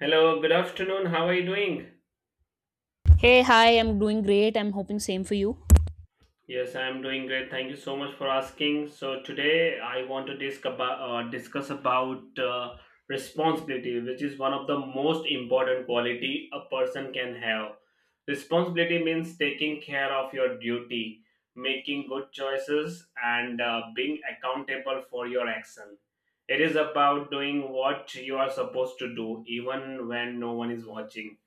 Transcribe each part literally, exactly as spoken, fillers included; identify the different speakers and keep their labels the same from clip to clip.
Speaker 1: Hello, good afternoon. How are you doing?
Speaker 2: Hey, hi, I'm doing great. I'm hoping same for you.
Speaker 1: Yes, I am doing great. Thank you so much for asking. So today I want to disc about, uh, discuss about uh, responsibility, which is one of the most important quality a person can have. Responsibility means taking care of your duty, making good choices, and uh, being accountable for your action. It is about doing what you are supposed to do, even when no one is watching.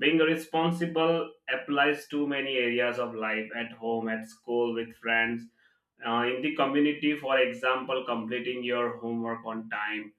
Speaker 1: Being responsible applies to many areas of life: at home, at school, with friends, uh, in the community. For example, completing your homework on time,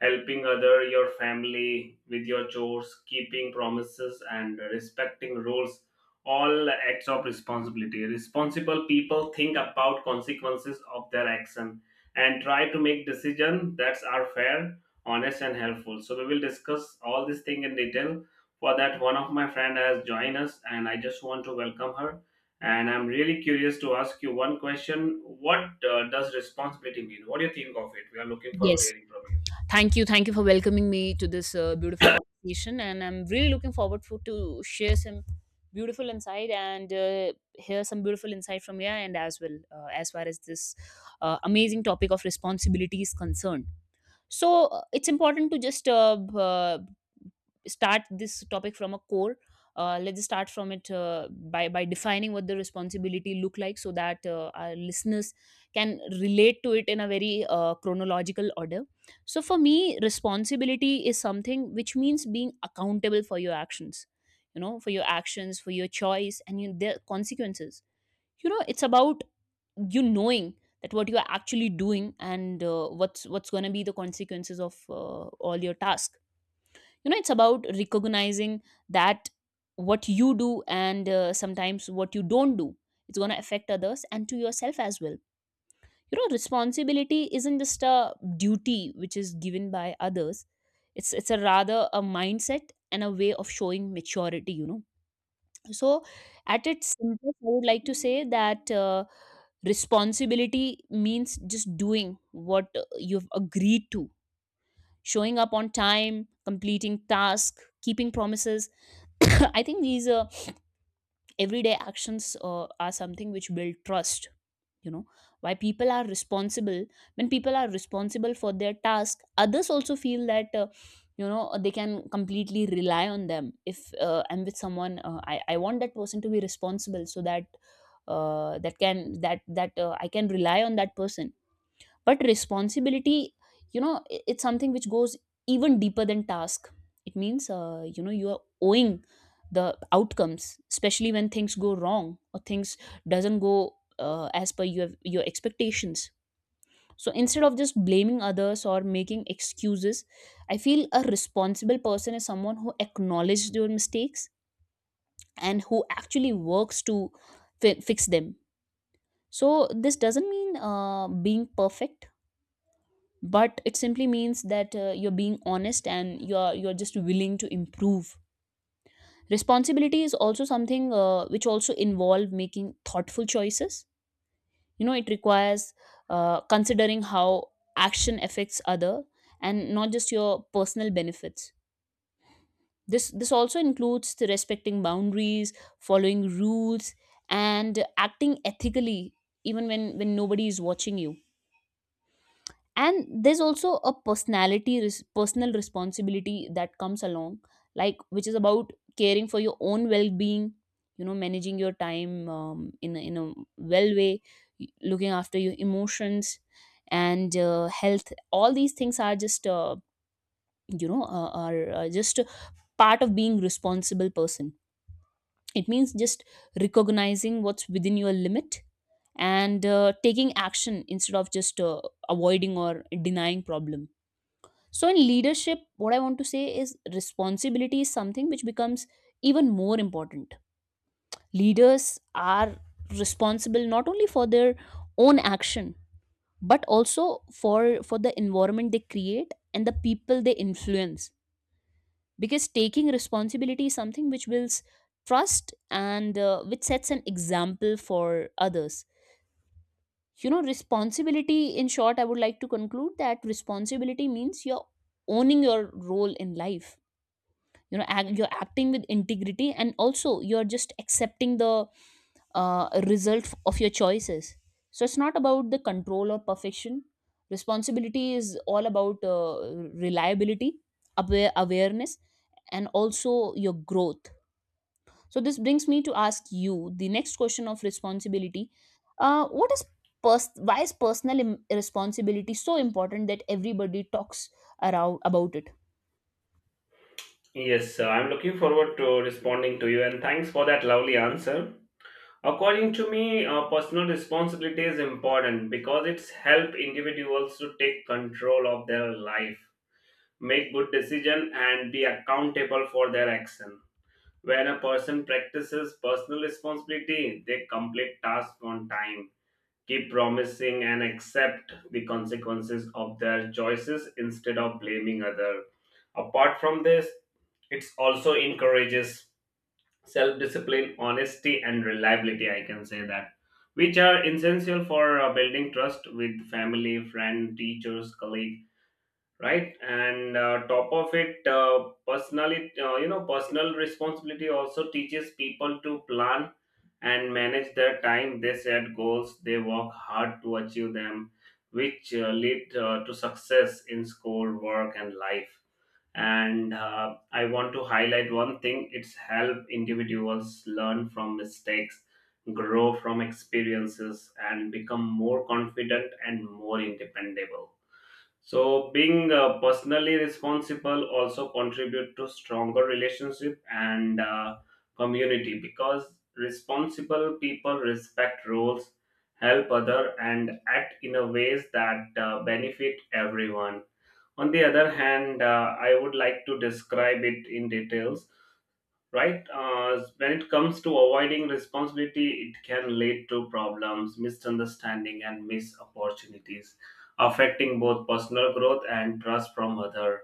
Speaker 1: helping other your family with your chores, keeping promises and respecting rules, all acts of responsibility. Responsible people think about consequences of their action and try to make decisions that are fair, honest and helpful. So we will discuss all this thing in detail. For that, one of my friend has joined us and I just want to welcome her. And I'm really curious to ask you one question: what uh, does responsibility mean? What do you think of it? We are looking forward to
Speaker 2: Yes.
Speaker 1: hearing from you.
Speaker 2: Thank you. Thank you for welcoming me to this uh, beautiful conversation. And I'm really looking forward for, to share some beautiful insight and uh, hear some beautiful insight from you and as well uh, as far as this uh, amazing topic of responsibility is concerned. So uh, it's important to just uh, b- uh, start this topic from a core. Uh, let's start from it uh, by by defining what the responsibility look like so that uh, our listeners can relate to it in a very uh, chronological order. So for me, responsibility is something which means being accountable for your actions, you know, for your actions, for your choice and your, their consequences. You know, it's about you knowing that what you are actually doing and uh, what's what's going to be the consequences of uh, all your task. You know, it's about recognizing that what you do and uh, sometimes what you don't do, it's going to affect others and to yourself as well. You know, responsibility isn't just a duty which is given by others. It's it's a rather a mindset and a way of showing maturity, you know. So, at its simplest, I would like to say that uh, responsibility means just doing what uh, you've agreed to, showing up on time, completing tasks, keeping promises. I think these uh, everyday actions uh, are something which build trust, you know. Why people are responsible? When people are responsible for their task, others also feel that uh, you know uh, they can completely rely on them. If uh, I'm with someone, uh, I, I want that person to be responsible so that uh, that can that that uh, I can rely on that person. But responsibility, you know, i- it's something which goes even deeper than task. It means uh, you know, you are owing the outcomes, especially when things go wrong or things doesn't go uh, as per your your expectations. So instead of just blaming others or making excuses, I feel a responsible person is someone who acknowledges their mistakes and who actually works to fi- fix them. So this doesn't mean uh, being perfect, but it simply means that uh, you're being honest and you're you're just willing to improve. Responsibility is also something uh, which also involve making thoughtful choices. You know, it requires uh, considering how action affects other and not just your personal benefits. This this also includes the respecting boundaries, following rules, and acting ethically even when when nobody is watching you. And there's also a personality res- personal responsibility that comes along, like, which is about caring for your own well-being. You know, managing your time um, in, a, in a well way, looking after your emotions and uh, health. All these things are just uh, you know uh, are uh, just part of being responsible person. It means just recognizing what's within your limit and uh, taking action instead of just uh, avoiding or denying problems. So, in leadership, what I want to say is responsibility is something which becomes even more important. Leaders are responsible not only for their own action, but also for, for the environment they create and the people they influence. Because taking responsibility is something which builds trust and uh, which sets an example for others. You know, responsibility, in short, I would like to conclude that responsibility means you're owning your role in life, you know, act, you're acting with integrity, and also you're just accepting the uh, result of your choices. So it's not about the control or perfection. Responsibility is all about uh, reliability, aware, awareness, and also your growth. So this brings me to ask you the next question of responsibility. uh, what is pers- why is personal im- responsibility so important that everybody talks around about it?
Speaker 1: Yes, sir. I'm looking forward to responding to you, and thanks for that lovely answer. According to me, uh, personal responsibility is important because it's help individuals to take control of their life, make good decision and be accountable for their action. When a person practices personal responsibility, they complete tasks on time, keep promising and accept the consequences of their choices instead of blaming other. Apart from this, it also encourages self discipline, honesty, and reliability, I can say that, which are essential for uh, building trust with family, friend, teachers, colleague, right. And uh, top of it, uh, personally, uh, you know personal responsibility also teaches people to plan and manage their time. They set goals, they work hard to achieve them, which uh, lead uh, to success in school, work and life. And uh, I want to highlight one thing, it's help individuals learn from mistakes, grow from experiences and become more confident and more independent. So being uh, personally responsible also contribute to stronger relationship and uh, community, because responsible people respect rules, help other, and act in a ways that uh, benefit everyone. On the other hand, uh, I would like to describe it in details. Right, uh, when it comes to avoiding responsibility, it can lead to problems, misunderstanding and missed opportunities, affecting both personal growth and trust from others.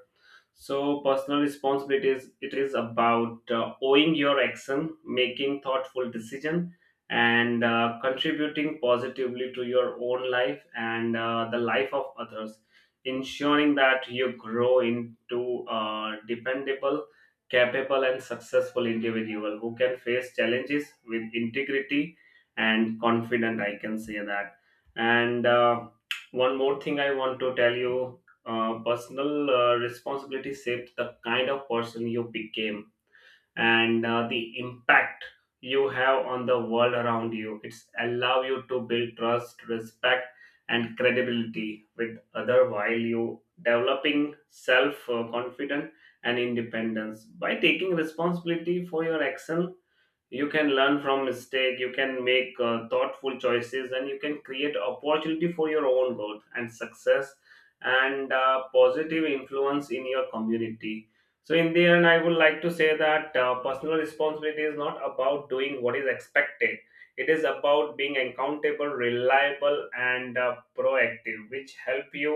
Speaker 1: So personal responsibility is, it is about uh, owing your action, making thoughtful decision, and uh, contributing positively to your own life and uh, the life of others, ensuring that you grow into a dependable, capable, and successful individual who can face challenges with integrity and confident, I can say that. And uh, one more thing I want to tell you, uh, personal uh, responsibility shaped the kind of person you became, and uh, the impact you have on the world around you. It's allow you to build trust, respect and credibility with other while you developing self uh, confidence and independence. By taking responsibility for your action, you can learn from mistake, you can make uh, thoughtful choices and you can create opportunity for your own growth and success and uh, positive influence in your community. So in the end, I would like to say that uh, personal responsibility is not about doing what is expected, it is about being accountable, reliable and uh, proactive, which help you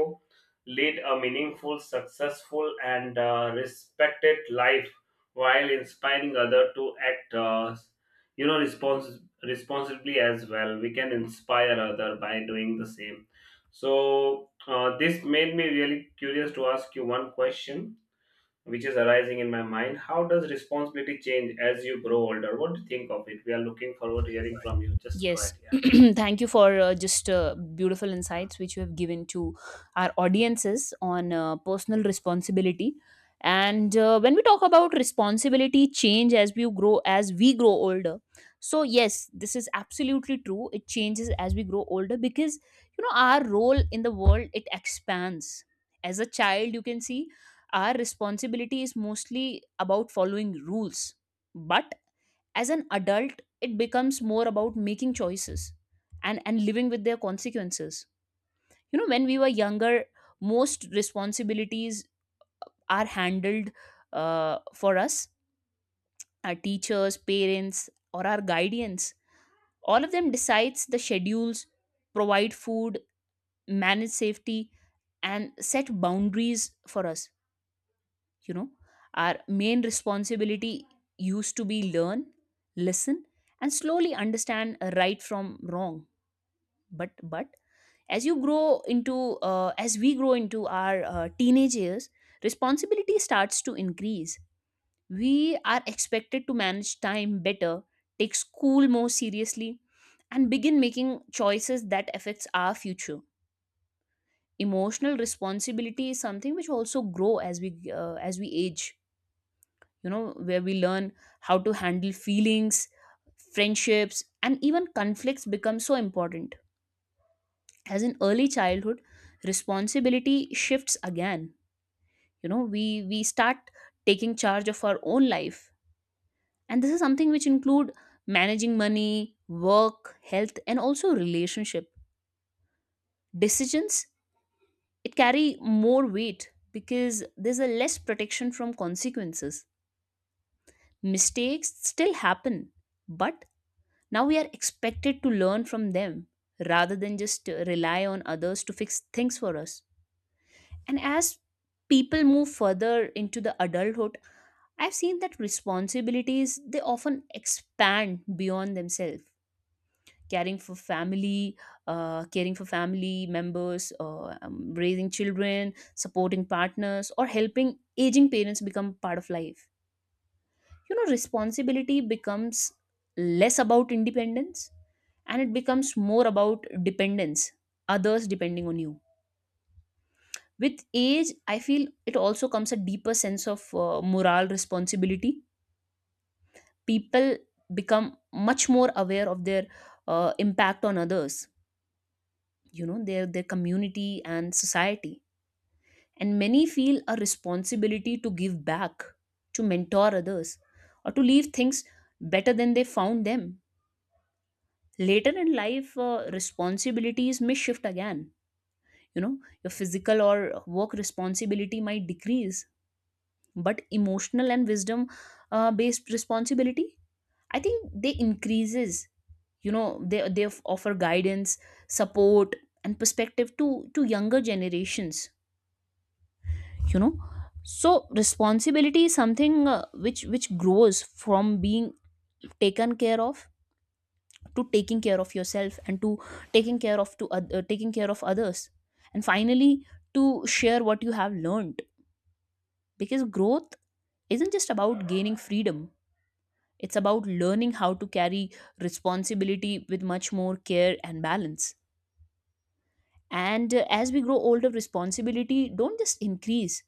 Speaker 1: lead a meaningful, successful and uh, respected life while inspiring others to act, uh, you know respons- responsibly as well. We can inspire other by doing the same. So uh, this made me really curious to ask you one question which is arising in my mind: how does responsibility change as you grow older? What do you think of it? We are looking forward to hearing from you. Just go
Speaker 2: Yes.
Speaker 1: ahead, yeah.
Speaker 2: Thank you for uh, just uh, beautiful insights which you have given to our audiences on uh, personal responsibility. And uh, when we talk about responsibility change as we grow as we grow older, so yes, this is absolutely true. It changes as we grow older because, you know, our role in the world it expands. As a child, you can see our responsibility is mostly about following rules, but as an adult it becomes more about making choices and and living with their consequences. You know, when we were younger, most responsibilities are handled uh, for us. Our teachers, parents, or our guardians, all of them decides the schedules, provide food, manage safety, and set boundaries for us. You know, our main responsibility used to be learn, listen, and slowly understand right from wrong. But but as you grow into uh, as we grow into our uh, teenage years, responsibility starts to increase. We are expected to manage time better, take school more seriously, and begin making choices that affects our future. Emotional responsibility is something which also grow as we uh, as we age. You know, where we learn how to handle feelings, friendships, and even conflicts become so important. As in early childhood, responsibility shifts again. You know, we we start taking charge of our own life, and this is something which include managing money, work, health, and also relationship decisions. It carry more weight because there's a less protection from consequences. Mistakes still happen, but now we are expected to learn from them rather than just uh, rely on others to fix things for us. And as people move further into the adulthood, I've seen that responsibilities they often expand beyond themselves. Caring for family, uh, caring for family members, uh, um, raising children, supporting partners, or helping aging parents become part of life. You know, responsibility becomes less about independence and it becomes more about dependence, others depending on you. With age, I feel it also comes a deeper sense of uh, moral responsibility. People become much more aware of their uh, impact on others, you know, their their community and society. And many feel a responsibility to give back, to mentor others, or to leave things better than they found them. Later in life, uh, responsibilities may shift again. You know, your physical or work responsibility might decrease, but emotional and wisdom uh, based responsibility, I think they increases. You know, they they offer guidance, support, and perspective to to younger generations, you know. So responsibility is something uh, which which grows from being taken care of, to taking care of yourself, and to taking care of to oth- uh, taking care of others, and finally to share what you have learned, because growth isn't just about gaining freedom. It's about learning how to carry responsibility with much more care and balance. And uh, as we grow older, responsibility don't just increase,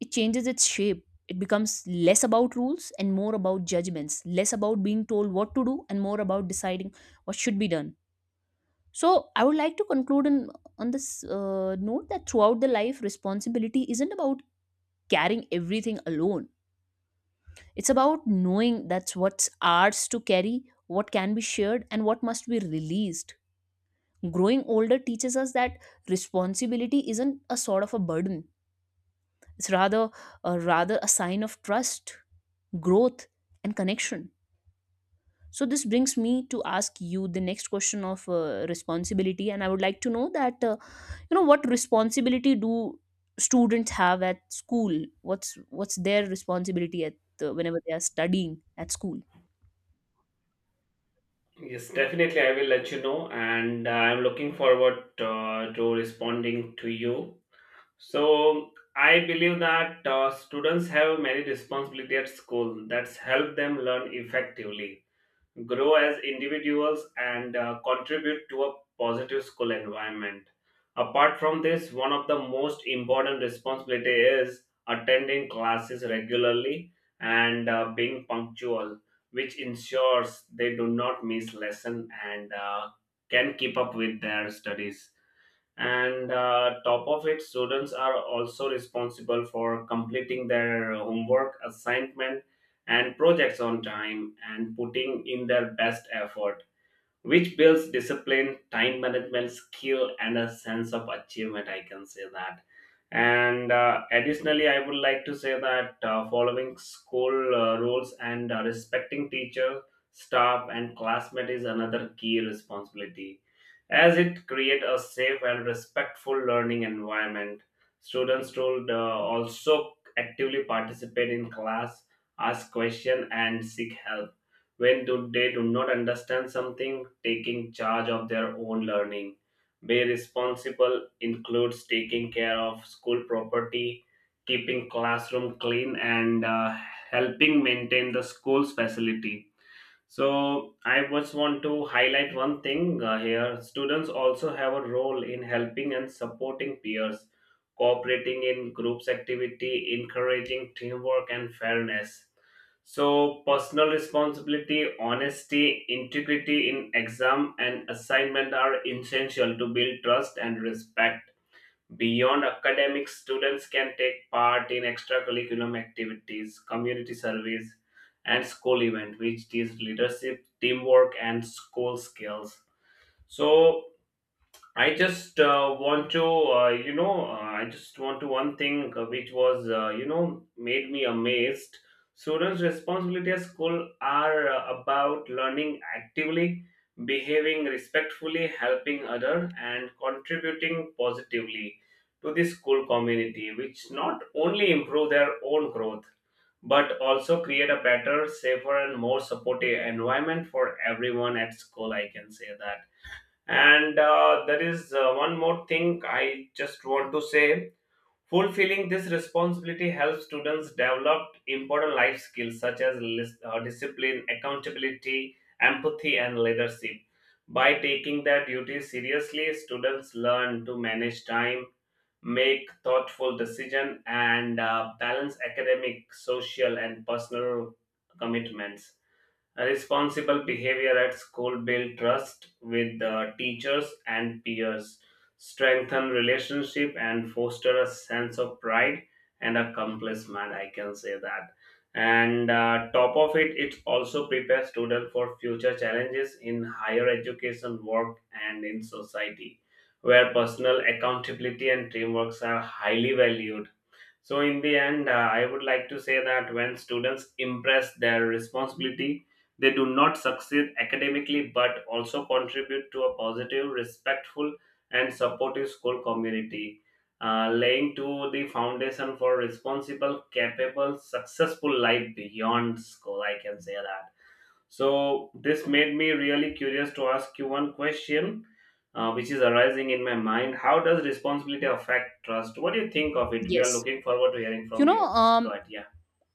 Speaker 2: it changes its shape. It becomes less about rules and more about judgments, less about being told what to do and more about deciding what should be done. So, I would like to conclude in, on this uh, note that throughout the life, responsibility isn't about carrying everything alone. It's about knowing that's what's ours to carry, what can be shared, and what must be released. Growing older teaches us that responsibility isn't a sort of a burden. It's rather a rather a sign of trust, growth, and connection. So this brings me to ask you the next question of uh, responsibility, and I would like to know that uh, you know, what responsibility do students have at school? What's what's their responsibility at uh, whenever they are studying at school?
Speaker 1: Yes, definitely, I will let you know, and uh, I'm looking forward uh, to responding to you. So I believe that uh, students have many responsibility at school that's help them learn effectively, grow as individuals, and uh, contribute to a positive school environment. Apart from this, one of the most important responsibility is attending classes regularly and uh, being punctual, which ensures they do not miss lesson and uh, can keep up with their studies. And uh, top of it, students are also responsible for completing their homework assignment and projects on time and putting in their best effort, which builds discipline, time management, skill, and a sense of achievement, I can say that. And uh, additionally, I would like to say that uh, following school uh, rules and uh, respecting teacher, staff, and classmate is another key responsibility, as it creates a safe and respectful learning environment. Students should uh, also actively participate in class, ask questions, and seek help when do, they do not understand something, taking charge of their own learning. Be responsible includes taking care of school property, keeping classroom clean, and uh, helping maintain the school's facility. So I just want to highlight one thing uh, here. Students also have a role in helping and supporting peers, cooperating in groups activity, encouraging teamwork and fairness. So personal responsibility, honesty, integrity in exam and assignment are essential to build trust and respect. Beyond academics, students can take part in extracurriculum activities, community service, and school events, which teach leadership, teamwork, and school skills. So, I just uh, want to, uh, you know, uh, I just want to one thing uh, which was, uh, you know, made me amazed. Students' responsibility at school are uh, about learning actively, behaving respectfully, helping other, and contributing positively to the school community, which not only improve their own growth but also create a better, safer, and more supportive environment for everyone at school, I can say that. And uh, there is uh, one more thing I just want to say. Fulfilling this responsibility helps students develop important life skills such as lis- uh, discipline, accountability, empathy, and leadership. By taking their duties seriously, students learn to manage time, make thoughtful decisions, and uh, balance academic, social, and personal commitments. Responsible behavior at school build trust with the teachers and peers, strengthen relationship and foster a sense of pride and accomplishment, I can say that. And uh, top of it, it also prepares students for future challenges in higher education, work, and in society, where personal accountability and teamwork are highly valued. So, in the end, uh, I would like to say that when students impress their responsibility, they do not succeed academically but also contribute to a positive, respectful, and supportive school community, uh, laying to the foundation for responsible, capable, successful life beyond school, I can say that. So this made me really curious to ask you one question, uh, which is arising in my mind. How does responsibility affect trust? What do you think of it? We are
Speaker 2: Yes.
Speaker 1: looking forward to hearing
Speaker 2: you
Speaker 1: from
Speaker 2: know
Speaker 1: you. Just
Speaker 2: um
Speaker 1: go ahead. Yeah.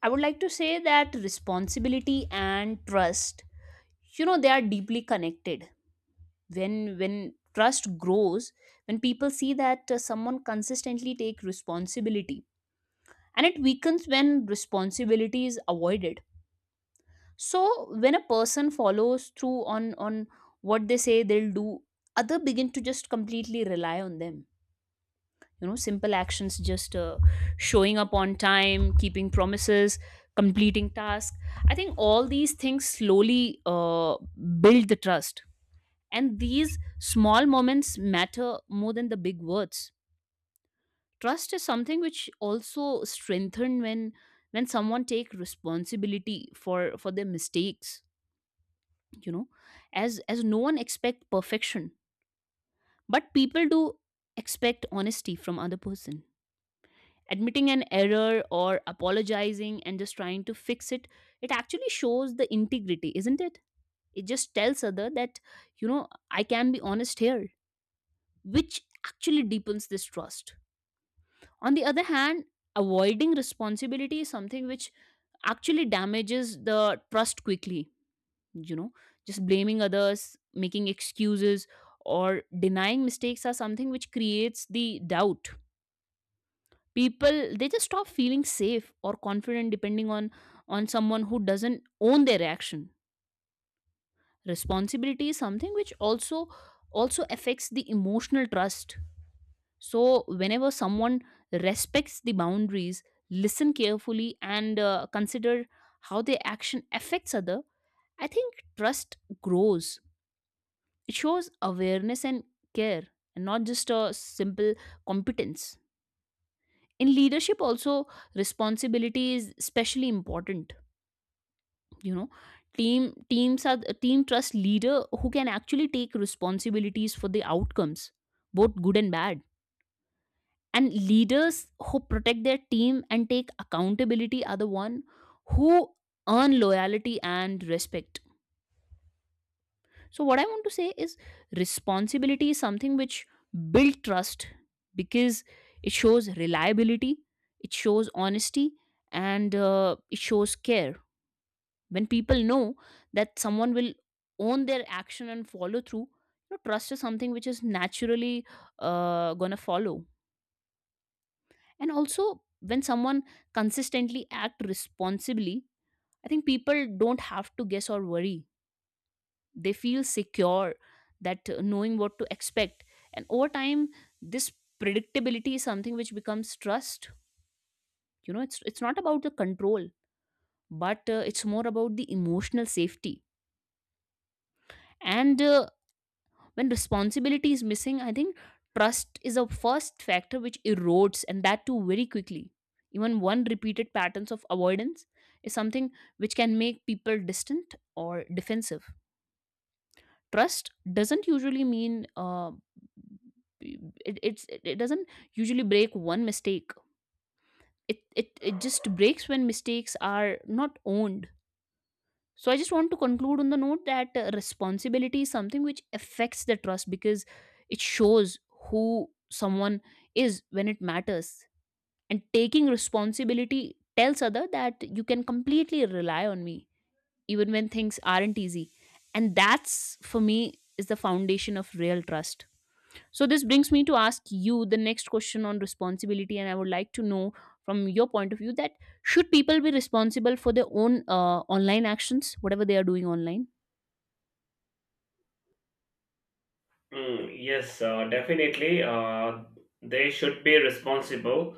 Speaker 2: I would like to say that responsibility and trust, you know, they are deeply connected. When when trust grows, when people see that uh, someone consistently take responsibility, and it weakens when responsibility is avoided. So when a person follows through on on what they say they'll do, other begin to just completely rely on them. You know, simple actions, just uh, showing up on time, keeping promises, completing tasks, I think all these things slowly uh, build the trust. And these small moments matter more than the big words. Trust is something which also strengthened when when someone take responsibility for for their mistakes. You know, as as no one expect perfection, but people do expect honesty from other person. Admitting an error or apologizing and just trying to fix it, it actually shows the integrity, isn't it? It just tells other that, you know, I can be honest here, which actually deepens this trust. On the other hand, avoiding responsibility is something which actually damages the trust quickly. You know, just blaming others, making excuses, or denying mistakes are something which creates the doubt. People, they just stop feeling safe or confident depending on on someone who doesn't own their reaction. Responsibility is something which also also affects the emotional trust. So whenever someone respects the boundaries, listen carefully, and uh, consider how their action affects other, I think trust grows. It shows awareness and care, and not just a simple competence. In leadership also, responsibility is especially important. You know, team teams are team trust leader who can actually take responsibilities for the outcomes, both good and bad. And leaders who protect their team and take accountability are the one who earn loyalty and respect. So what I want to say is responsibility is something which build trust because it shows reliability, it shows honesty, and uh, it shows care. When people know that someone will own their action and follow through, you know, trust is something which is naturally uh, gonna follow. And also when someone consistently act responsibly, I think people don't have to guess or worry. They feel secure, that uh, knowing what to expect, and over time this predictability is something which becomes trust. You know, it's it's not about the control, but uh, it's more about the emotional safety. And uh, when responsibility is missing, I think trust is a first factor which erodes, and that too very quickly. Even one repeated patterns of avoidance is something which can make people distant or defensive. Trust doesn't usually mean uh, it, it's it, it doesn't usually break one mistake. It, it it just breaks when mistakes are not owned. So I just want to conclude on the note that uh, responsibility is something which affects the trust because it shows who someone is when it matters. And taking responsibility tells other that you can completely rely on me even when things aren't easy. And that's for me is the foundation of real trust. So this brings me to ask you the next question on responsibility, and I would like to know from your point of view that should people be responsible for their own uh, online actions, whatever they are doing online?
Speaker 1: Mm, yes, uh, definitely. Uh, they should be responsible.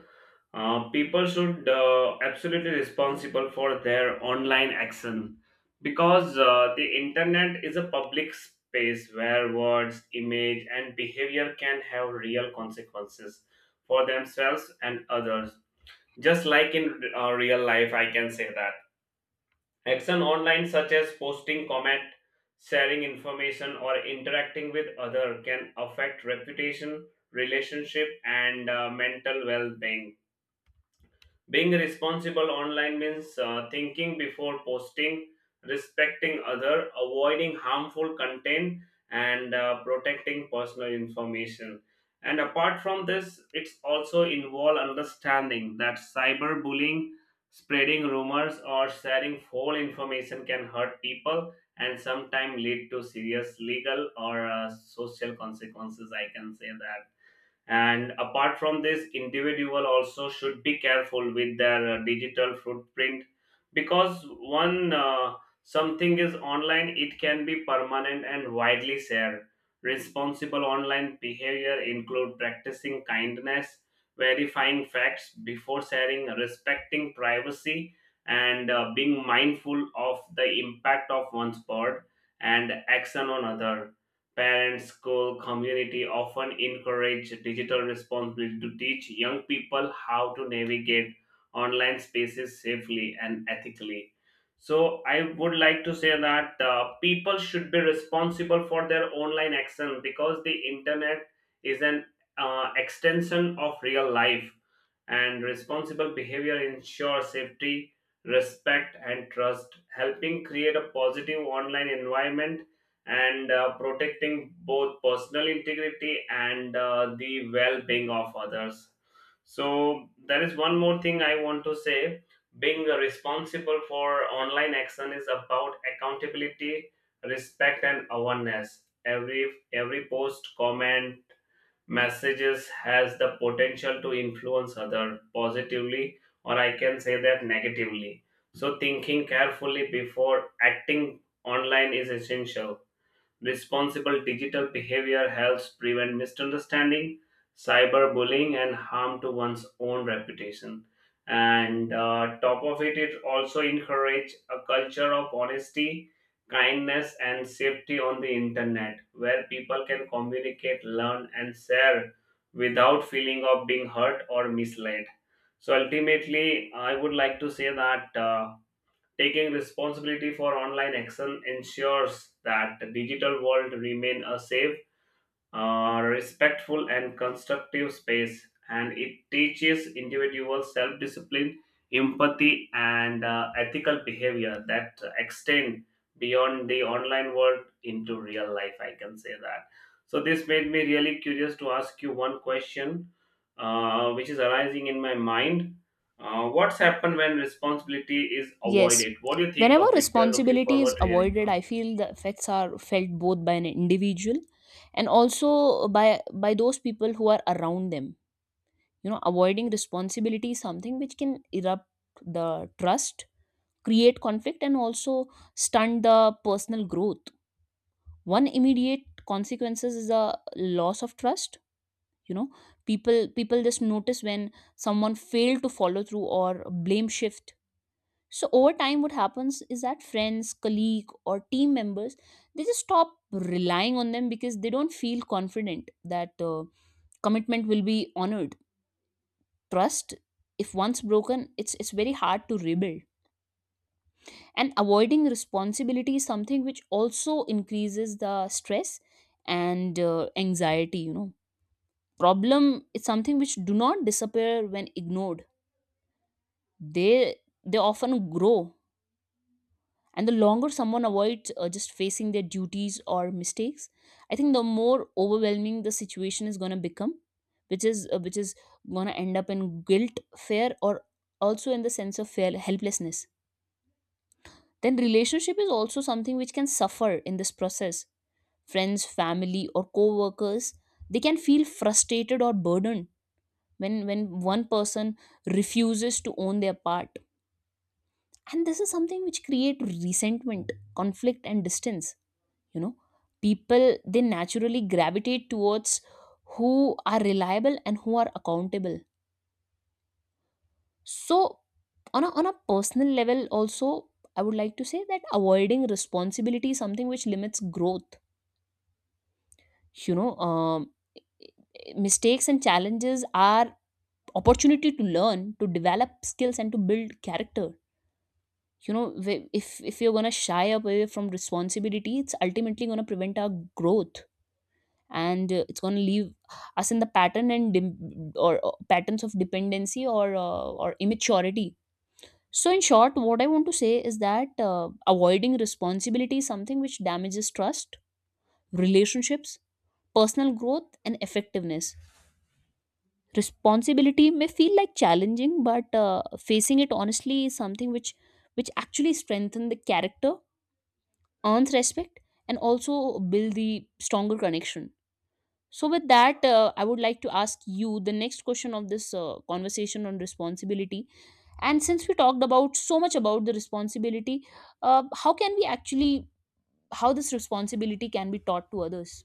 Speaker 1: Uh, people should uh, absolutely responsible for their online action because uh, the internet is a public space where words, image, and behavior can have real consequences for themselves and others, just like in uh, real life, I can say that. Action online, such as posting comment, sharing information, or interacting with other, can affect reputation, relationship, and uh, mental well-being. Being responsible online means uh, thinking before posting, respecting other, avoiding harmful content, and uh, protecting personal information. And apart from this, it's also involve understanding that cyberbullying, spreading rumors, or sharing false information can hurt people and sometimes lead to serious legal or uh, social consequences, I can say that. And apart from this, individual also should be careful with their uh, digital footprint, because one uh, something is online, it can be permanent and widely shared. Responsible online behavior include practicing kindness, verifying facts before sharing, respecting privacy, and uh, being mindful of the impact of one's word and action on other. Parents, school, community often encourage digital responsibility to teach young people how to navigate online spaces safely and ethically. So, I would like to say that uh, people should be responsible for their online action because the internet is an uh, extension of real life, and responsible behavior ensure safety, respect, and trust, helping create a positive online environment and uh, protecting both personal integrity and uh, the well being of others. So, there is one more thing I want to say. Being responsible for online action is about accountability, respect, and awareness. Every every post, comment, messages has the potential to influence other positively or I can say that negatively. So thinking carefully before acting online is essential. Responsible digital behavior helps prevent misunderstanding, cyberbullying, and harm to one's own reputation. And uh, top of it, it also encourage a culture of honesty, kindness, and safety on the internet, where people can communicate, learn, and share without feeling of being hurt or misled. So ultimately, I would like to say that. Uh, Taking responsibility for online action ensures that the digital world remain a safe, uh, respectful and constructive space, and it teaches individuals self discipline, empathy, and uh, ethical behavior that extend beyond the online world into real life, I can say that. So, this made me really curious to ask you one question uh, which is arising in my mind. Uh, what's happened when responsibility is
Speaker 2: Yes.
Speaker 1: avoided? What do you think
Speaker 2: Whenever
Speaker 1: of it? We are looking
Speaker 2: responsibility is
Speaker 1: forward to hearing
Speaker 2: avoided,
Speaker 1: from
Speaker 2: I
Speaker 1: you.
Speaker 2: feel the effects are felt both by an individual and also by by those people who are around them. You know, avoiding responsibility is something which can erupt the trust, create conflict, and also stunt the personal growth. One immediate consequences is the loss of trust. You know, people people just notice when someone failed to follow through or blame shift. So over time what happens is that friends, colleague, or team members, they just stop relying on them because they don't feel confident that uh, commitment will be honored. Trust, if once broken, it's it's very hard to rebuild. And avoiding responsibility is something which also increases the stress and uh, anxiety. You know, problem is something which do not disappear when ignored. They they often grow, and the longer someone avoids uh, just facing their duties or mistakes, I think the more overwhelming the situation is going to become, which is uh, which is going to end up in guilt, fear, or also in the sense of fail helplessness. Then relationship is also something which can suffer in this process. Friends, family, or co-workers, they can feel frustrated or burdened when when one person refuses to own their part. And this is something which create resentment, conflict, and distance. You know, people, they naturally gravitate towards who are reliable and who are accountable. So on a, on a personal level also, I would like to say that avoiding responsibility is something which limits growth. You know, um, mistakes and challenges are opportunity to learn, to develop skills, and to build character. You know, wh- if if you're going to shy away from responsibility, it's ultimately going to prevent our growth. And uh, it's going to leave us in the pattern and dim- or, or patterns of dependency, or uh, or immaturity. So in short what I want to say is that uh, avoiding responsibility is something which damages trust, relationships, personal growth, and effectiveness. Responsibility may feel like challenging, but uh, facing it honestly is something which which actually strengthen the character, earns respect, and also build the stronger connection. So with that, uh, I would like to ask you the next question of this uh, conversation on responsibility. And since we talked about so much about the responsibility, uh, how can we actually how this responsibility can be taught to others?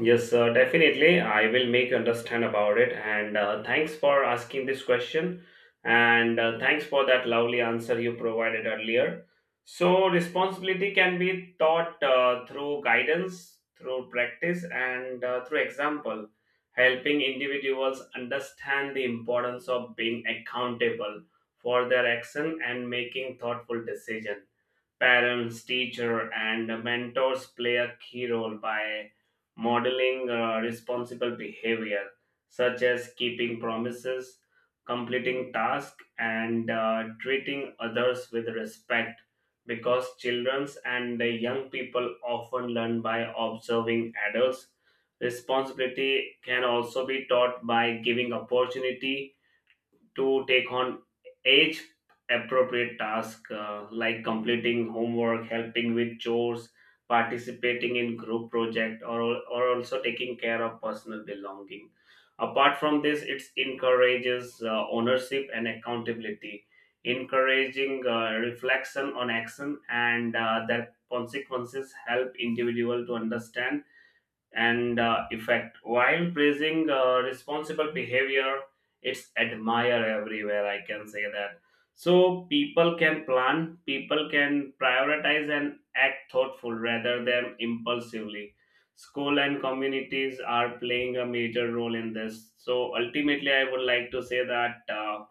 Speaker 1: Yes, uh, definitely. I will make understand about it. And uh, thanks for asking this question. And uh, thanks for that lovely answer you provided earlier. So, responsibility can be taught uh, through guidance, through practice, and uh, through example, helping individuals understand the importance of being accountable for their action and making thoughtful decisions. Parents, teacher, and mentors play a key role by modeling uh, responsible behavior such as keeping promises, completing tasks and uh, treating others with respect, because childrens and the young people often learn by observing adults. Responsibility can also be taught by giving opportunity to take on age appropriate tasks uh, like completing homework, helping with chores, participating in group project, or, or also taking care of personal belonging. Apart from this, it encourages uh, ownership and accountability. Encouraging uh, reflection on action and uh, their consequences help individual to understand and uh, effect. While praising uh, responsible behavior, it's admire everywhere, I can say that. So people can plan, people can prioritize and act thoughtful rather than impulsively. School and communities are playing a major role in this. So ultimately, I would like to say that. Uh,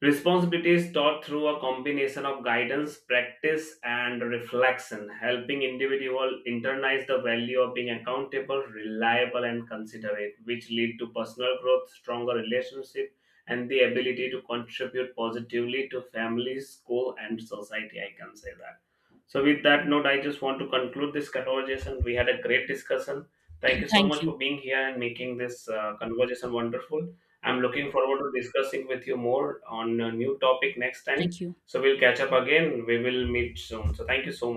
Speaker 1: Responsibility is taught through a combination of guidance, practice, and reflection, helping individual internalize the value of being accountable, reliable, and considerate, which lead to personal growth, stronger relationship, and the ability to contribute positively to family, school, and society, I can say that. So, with that note, I just want to conclude this conversation. We had a great discussion. Thank you so
Speaker 2: Thank
Speaker 1: much
Speaker 2: you.
Speaker 1: for being here and making this uh, conversation wonderful. I'm looking forward to discussing with you more on a new topic next
Speaker 2: Thank
Speaker 1: time.
Speaker 2: you.
Speaker 1: So we'll catch up again. We will meet soon. So thank you so